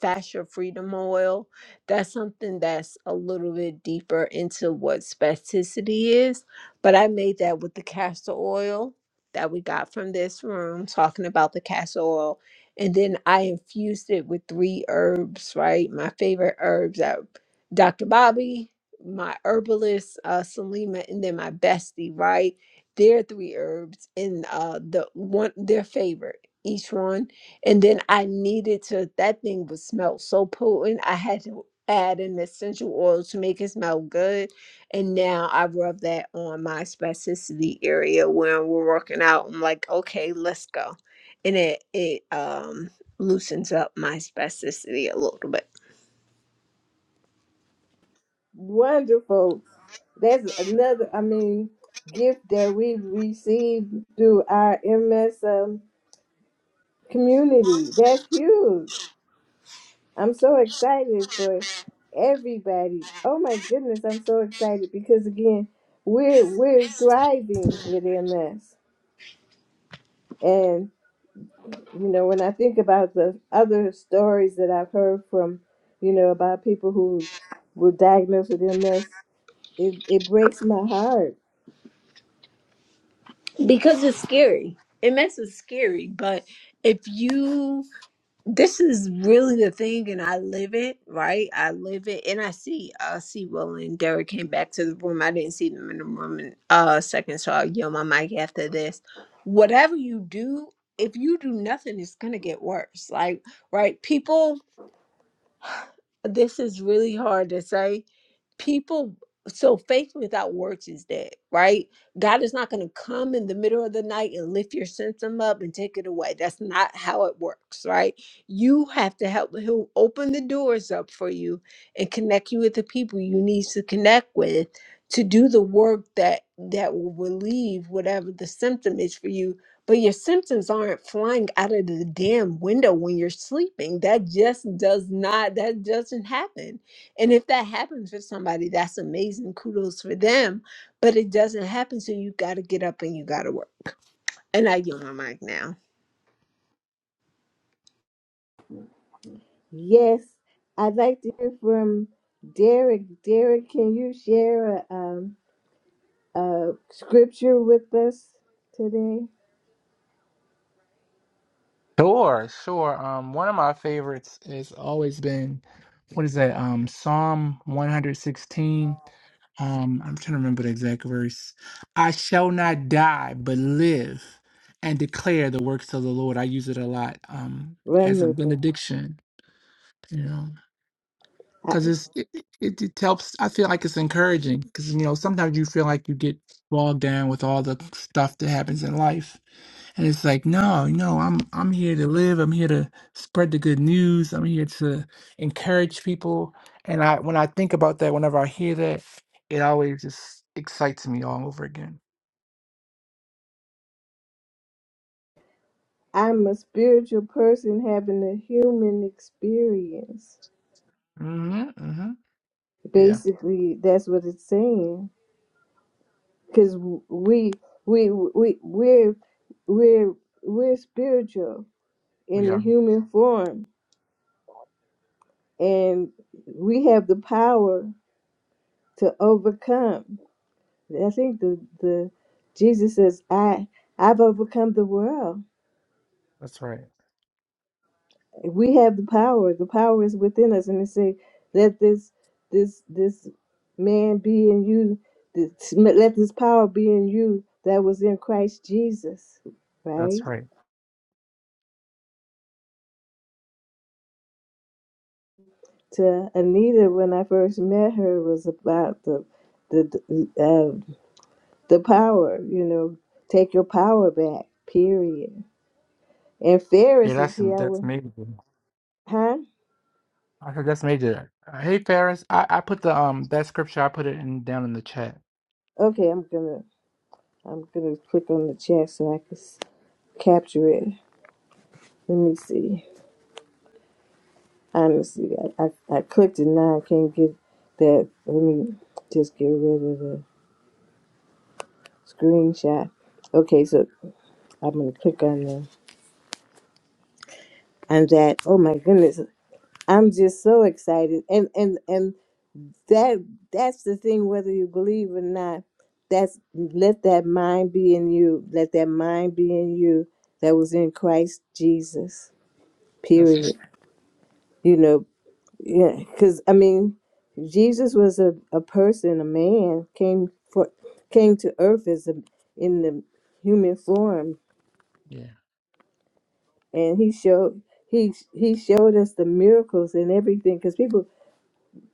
Fascia Freedom Oil. That's something that's a little bit deeper into what spasticity is. But I made that with the castor oil that we got from this room, talking about the castor oil. And then I infused it with three herbs, right? My favorite herbs are Dr. Bobby, my herbalist, uh, Salima, and then my bestie, right? Their three herbs and uh, the one their favorite, each one and then I needed to, that thing would smell so potent. I had to add an essential oil to make it smell good. And now I rub that on my spasticity area when we're working out. I'm like, okay, let's go. And it, it um, loosens up my spasticity a little bit
wonderful that's another i mean gift that we've received through our ms um, community that's huge I'm so excited for everybody. Oh my goodness, I'm so excited because again, we're we're thriving with MS. And you know, when I think about the other stories that I've heard from, you know, about people who were diagnosed with MS, it, it breaks my heart.
because it's scary. And mess is scary, but if you this is really the thing and i live it right i live it and i see I see will and derek came back to the room i didn't see them in the room in uh second so i'll yell my mic after this whatever you do if you do nothing it's gonna get worse like right people this is really hard to say people so faith without works is dead right god is not going to come in the middle of the night and lift your symptom up and take it away that's not how it works right you have to help he'll open the doors up for you and connect you with the people you need to connect with to do the work that that will relieve whatever the symptom is for you but your symptoms aren't flying out of the damn window when you're sleeping that just does not that doesn't happen and if that happens for somebody, that's amazing. Kudos for them. But it doesn't happen. So you got to get up and you got to work. And I yield my mic now.
Yes, I'd like to hear from Derek. Derek, can you share a, um, a scripture with us today?
Sure, sure. Um, one of my favorites has always been, what is that? Um, Psalm 116. Um, I'm trying to remember the exact verse. I shall not die, but live and declare the works of the Lord. I use it a lot, um,
Run,
as a
Luther.
benediction, you know, because it's it, it, it helps. I feel like it's encouraging because, you know, sometimes you feel like you get bogged down with all the stuff that happens in life and it's like, no, no, I'm I'm here to live. I'm here to spread the good news. I'm here to encourage people. And I when I think about that, whenever I hear that, it always just excites me all over again.
I'm a spiritual person having a human experience.
hmm hmm Yeah,
Basically, that's what it's saying. Because we we we we're we're we're spiritual
we
in the
are.
human form, and we have the power to overcome. I think the the Jesus says, "I I've overcome the world."
That's right.
we have the power, the power is within us. And they say, let this this this man be in you. This, let this power be in you that was in Christ Jesus,
That's
right?
right.
To Anita, when I first met her, was about the the uh, the power. You know, take your power back. Period. And
Yeah,
Ferris is
that's
here. I
that's
will,
major.
huh?
I heard that's major. Uh, Hey Ferris, I, I put the um that scripture I put it in down in the chat.
Okay, I'm gonna I'm gonna click on the chat so I can s- capture it. Let me see. Honestly, I, I, I clicked it now. I can't get that. Let me just get rid of the screenshot. Okay, so I'm gonna click on the on that. Oh my goodness, I'm just so excited. And and and that that's the thing. Whether you believe or not, that's let that mind be in you. Let that mind be in you that was in Christ Jesus.
That's right.
Period. You know, Yeah, because I mean, Jesus was a, a person, a man came for came to earth as a in the human form,
Yeah,
and he showed he he showed us the miracles and everything. Because people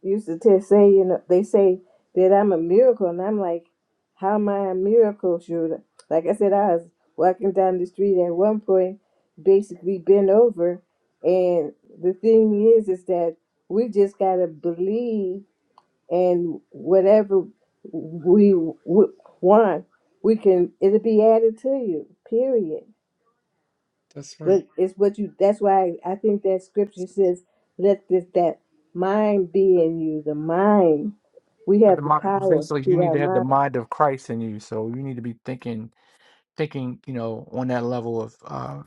used to tell, say, you know, they say that I'm a miracle, and I'm like, how am I a miracle? Should like I said, I was walking down the street at one point, basically bent over, and the thing is, is that we just gotta believe and whatever we w- want, we can it'll be added to you. Period.
that's right.
But it's what you. That's why I think that scripture says, "Let this that mind be in you." The mind. We
But The
have the
mind,
power
basically, you
through
need
our
to have the
mind.
mind of Christ in you. So you need to be thinking, thinking, you know, on that level of, uh,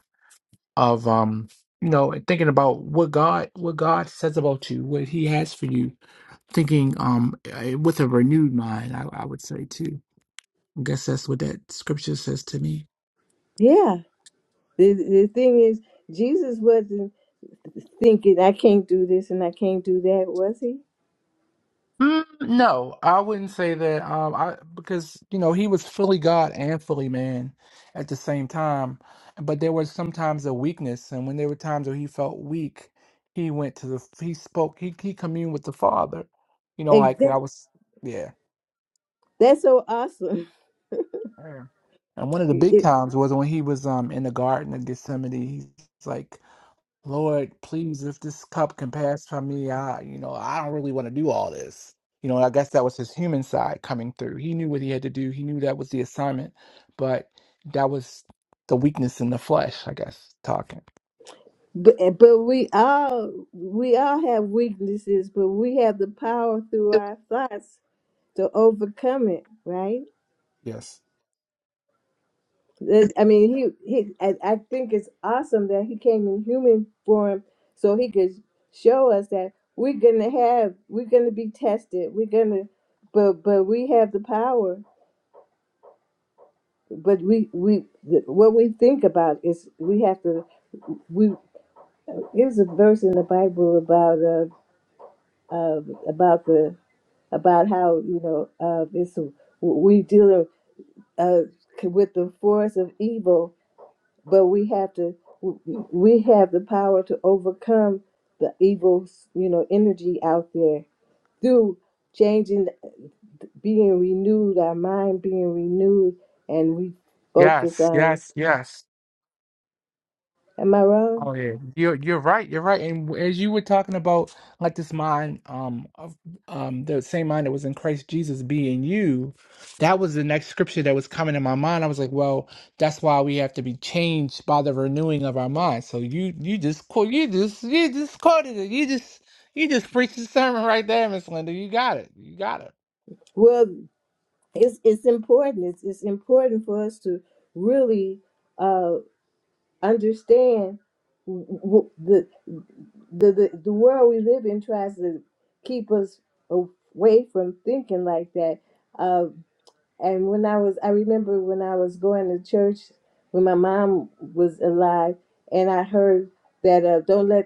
of, um, you know, and thinking about what God, what God says about you, what He has for you. Thinking, um, eh, with a renewed mind, I, I would say too. I guess that's what that scripture says to me.
Yeah. The the thing is, Jesus wasn't thinking, "I can't do this and I can't do that," was he?
Mm, no, I wouldn't say that. Um, I because you know he was fully God and fully man at the same time, but there was sometimes a weakness, and when there were times where he felt weak, he went to the he spoke he he communed with the Father. You know,
And
like
that,
I was, yeah.
that's so awesome.
yeah. And one of the big times was when he was um in the Garden of Gethsemane. He's like. Lord, please, if this cup can pass from me, I, you know, I don't really want to do all this. You know, I guess that was his human side coming through. He knew what he had to do. He knew that was the assignment, but that was the weakness in the flesh, I guess, talking.
But eh, but we all we all have weaknesses, but we have the power through our thoughts to overcome it, right?
Yes.
That- I mean, he he. I, I think it's awesome that he came in human form so he could show us that we're gonna have we're gonna be tested. We're gonna, but but we have the power. But we we th- what we think about is we have to we there's a verse in the Bible about uh, uh about the about how you know uh, this we deal uh, with the force of evil, but we have to we have the power to overcome the evil you know energy out there through changing being renewed, our mind being renewed, and we focus
Yes,
on.
yes, yes.
Am I wrong?
Oh yeah, you're you're right. You're right. And w- as you were talking about, like this mind, um, of, um, the same mind that was in Christ Jesus be in you, that was the next scripture that was coming in my mind. I was like, well, that's why we have to be changed by the renewing of our mind. So you you just quote you just you just quoted it. You just you just preached the sermon right there, Miss Linda. You got it. You got it.
Well, it's it's important. It's it's important for us to really. uh, understand w- the, the the the world we live in tries to keep us away from thinking like that. Uh, and when I was, I remember when I was going to church when my mom was alive, and I heard that uh, don't let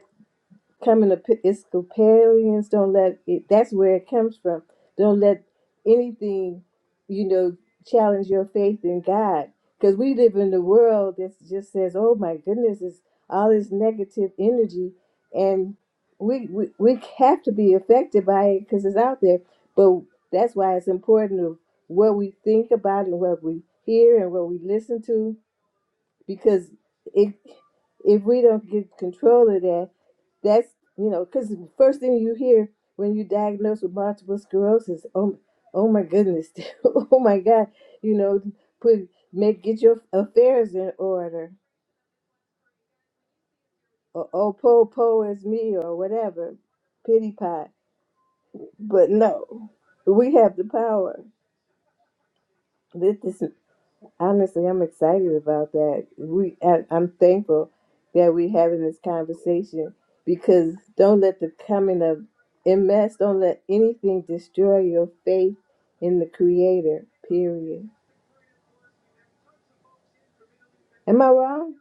coming Episcopalians don't let it, that's where it comes from. Don't let anything, you know, challenge your faith in God. Because we live in a world that just says, oh my goodness, it's all this negative energy. And we, we, we have to be affected by it because it's out there. But that's why it's important of what we think about and what we hear and what we listen to. Because it, if we don't get control of that, that's you know because the first thing you hear when you diagnosed with multiple sclerosis oh oh my goodness oh my god you know put make get your affairs in order or oh po po is me or whatever pity pot but no we have the power Honestly, I'm excited about that. We, I, I'm thankful that we're having this conversation because don't let the coming of MS, don't let anything destroy your faith in the Creator. Period. Am I wrong?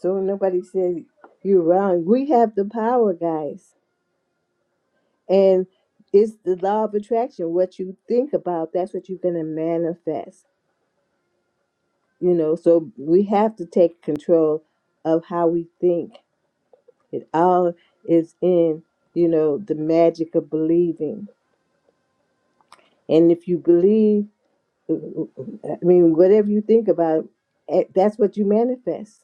So nobody says you're wrong. We have the power, guys, and it's the law of attraction. What you think about, that's what you're gonna manifest. You know, so we have to take control of how we think It all is in, you know, the magic of believing. And if you believe, I mean, whatever you think about, eh, that's what you manifest.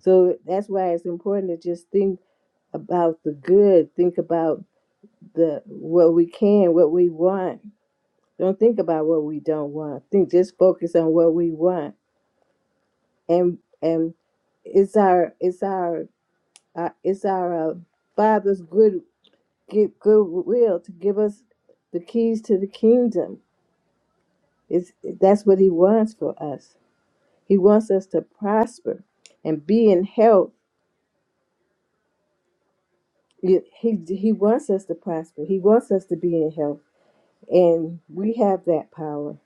So that's why it's important to just think about the good, think about the what we can, what we want. Don't think about what we don't want. Think just focus on what we want. And and it's our it's our, our it's our uh, Father's good good goodwill to give us the keys to the kingdom. It's, that's what he wants for us. He wants us to prosper and be in health. He, he he wants us to prosper. He wants us to be in health. And we have that power.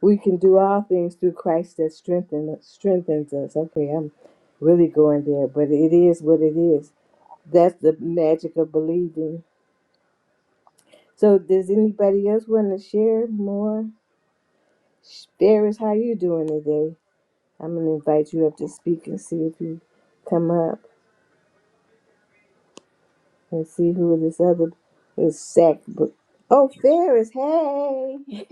We can do all things through Christ that strengthen, strengthens us. Okay, I'm really going there, but it is what it is. That's the magic of believing. So, does anybody else want to share more? Spirits, how you doing today? I'm gonna invite you up to speak and see if you come up and see who this other is sack book. Oh, Ferris, hey,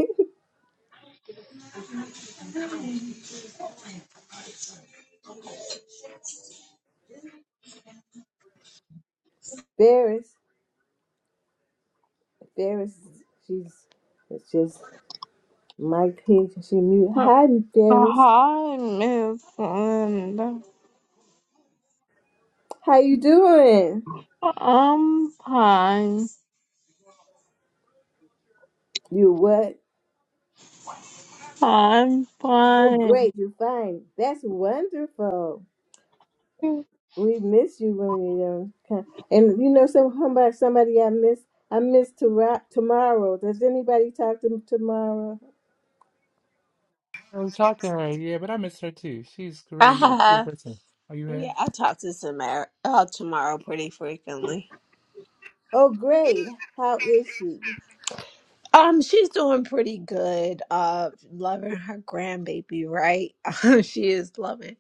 Ferris, Ferris, she's it's just Mike Pink. and She mute.
Hi,
Hi, Ferris.
Miss Linda.
How you doing?
I'm fine.
You what?
I'm
Oh,
fine.
great. You fine. That's wonderful. We miss you when you're young. Come- And you know, some somebody, somebody I miss. I miss to tomorrow. Does anybody talk to tomorrow?
I was talking to her, yeah, but I miss her too. She's
I
really a cool
have.
person. Are you
Yeah,
have?
I talk to Samara uh, tomorrow pretty frequently.
Oh, great. How is she?
Um, she's doing pretty good. Uh, loving her grandbaby, right? she is loving.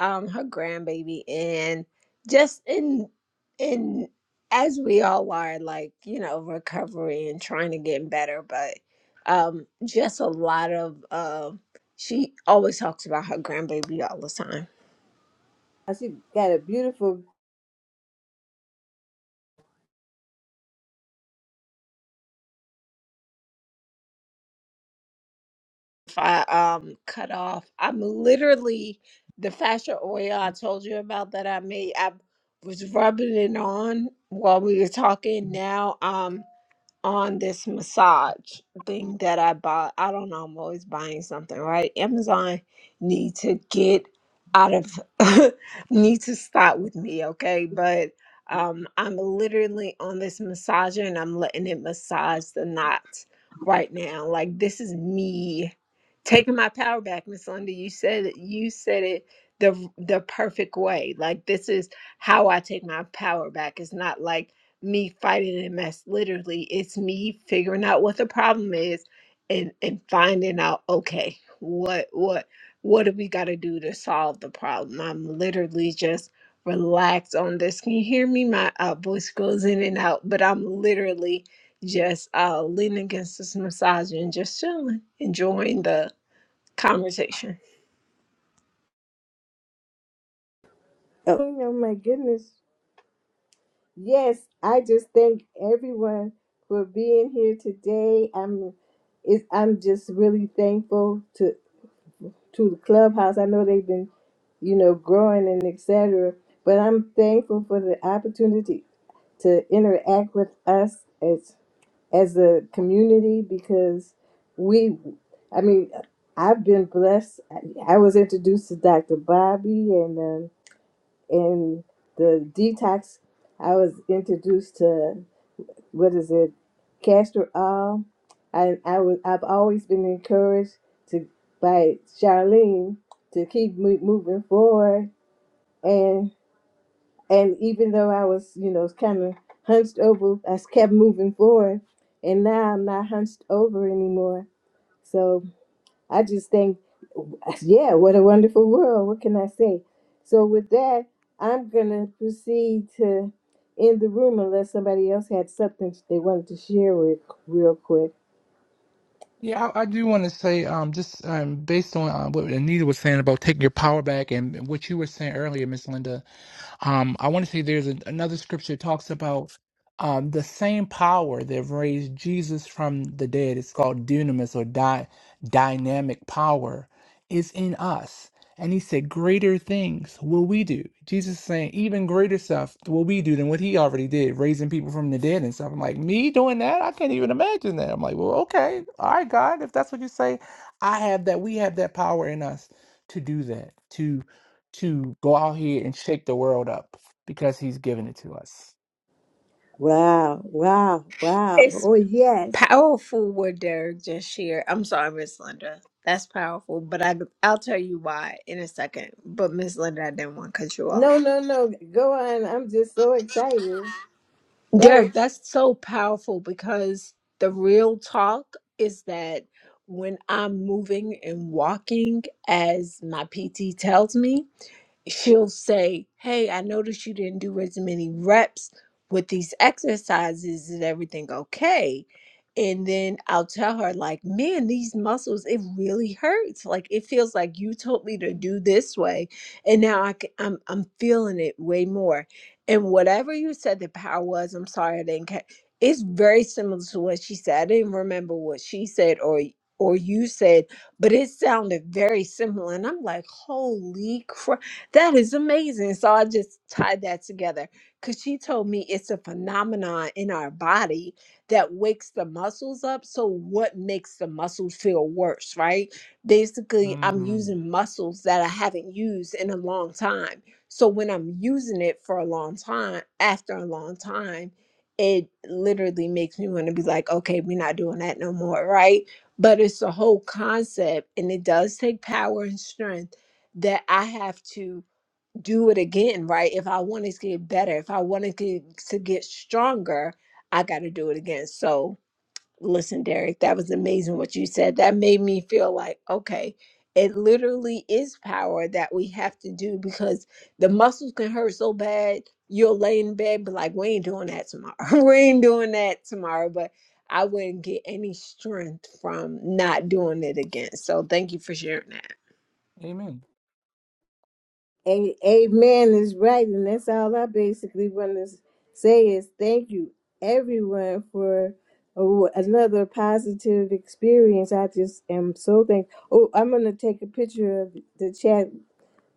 um her grandbaby and just in in as we all are like you know recovery and trying to get better but um just a lot of uh, she always talks about her grandbaby all the time
Oh, She got a beautiful.
if i um cut off i'm literally the fascia oil i told you about that i made i was rubbing it on while we were talking now um on this massage thing that I bought. I don't know, I'm always buying something, right? Amazon need to get out of need to stop with me, okay? But um I'm literally on this massager and I'm letting it massage the knots right now. Like this is me taking my power back, Miss Linda. You said it you said it the the perfect way. Like this is how I take my power back. It's not like me fighting a mess. Literally, it's me figuring out what the problem is and and finding out okay, what what what do we got to do to solve the problem? I'm literally just relaxed on this. Can you hear me? My uh, voice goes in and out, but I'm literally just uh, leaning against this massage and just chilling, enjoying the conversation.
Oh, oh my goodness. Yes, I just thank everyone for being here today. I'm, it, I'm just really thankful to to the clubhouse. I know they've been you know, growing and etc. But I'm thankful for the opportunity to interact with us as as a community because we, I mean, I've been blessed. I I was introduced to Dr. Bobby and um, and the detox. I was introduced to what is it, castor oil. I I was I've always been encouraged to by Charlene to keep mo- moving forward and and even though I was, you know, kind of hunched over, I s- kept moving forward, and now I'm not hunched over anymore. So I just think, yeah, what a wonderful world. What can I say? So with that, I'm gonna proceed to end the room unless somebody else had something they wanted to share with real quick.
Yeah, I, I do want to say, um, just um, based on uh, what Anita was saying about taking your power back, and what you were saying earlier, Miss Linda, um, I want to say there's a, another scripture talks about um, the same power that raised Jesus from the dead. It's called dunamis or di- dynamic power is in us. And he said, greater things will we do. Jesus is saying, even greater stuff will we do than what he already did, raising people from the dead and stuff. I'm like, me doing that? I can't even imagine that. I'm like, well, okay. All right, God, if that's what you say, I have that. We have that power in us to do that, to go out here and shake the world up because he's given it to us.
Wow, wow, wow. Oh, yes.
Powerful what Derek just shared. I'm sorry, Miss Linda. That's powerful, but I I'll tell you why in a second. But Miss Linda, I didn't want to cut you
No,
off.
no, no. Go on. I'm just so excited. That was.
Derek, that's so powerful because the real talk is that when I'm moving and walking as my PT tells me, she'll say, Hey, I noticed you didn't do as many reps with these exercises. Is everything okay? And then I'll tell her, like, man, these muscles, it really hurts. Like, it feels like you told me to do this way. And now I can, I'm, I'm feeling it way more. And whatever you said the power was, I'm sorry I didn't catch. It's very similar to what she said. I didn't remember what she said or or you said, but it sounded very similar. And I'm like, holy crap that is amazing. So I just tied that together because she told me it's a phenomenon in our body that wakes the muscles up. So, what makes the muscles feel worse, right? Basically, I'm
Mm.
using muscles that I haven't used in a long time. So, when I'm using it for a long time, after a long time, it literally makes me want to be like, okay, we're not doing that no more, right? But it's the whole concept, and it does take power and strength that I have to do it again, right? If I want to get better, if I want to get to get stronger, I got to do it again. So, listen, Derek, that was amazing what you said. That made me feel like, okay, it literally is power that we have to do because the muscles can hurt so bad. You'll lay in bed, but like, we ain't doing that tomorrow. we ain't doing that tomorrow. But I wouldn't get any strength from not doing it again. So, thank you for sharing that.
Amen.
A- Amen is right, and that's all I basically want to s- say is thank you, everyone, for oh, another positive experience. I just am so thankful. Oh, I'm gonna take a picture of the chat,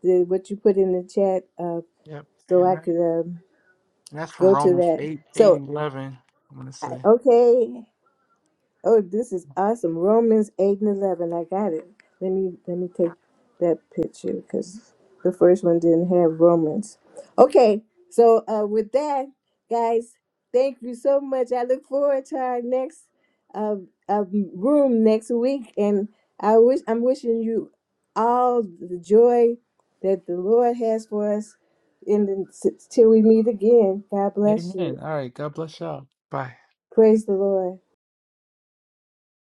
the, what you put in the chat, uh,
Yep.
so
And
I
that,
could um,
and that's from
go to
Romans
that.
8, 8
So,
and 11, I'm going to
I-
say.
okay, Oh, this is awesome. Romans 8 and 11. I got it. Let me let me take that picture because the first one didn't have Romans. Okay, so uh, with that, guys, thank you so much. I look forward to our next uh, uh, room next week, and I wish I'm wishing you all the joy that the Lord has for us. And then, till we meet again, God bless you.
Amen. All right. God bless y'all. Bye.
Praise the Lord.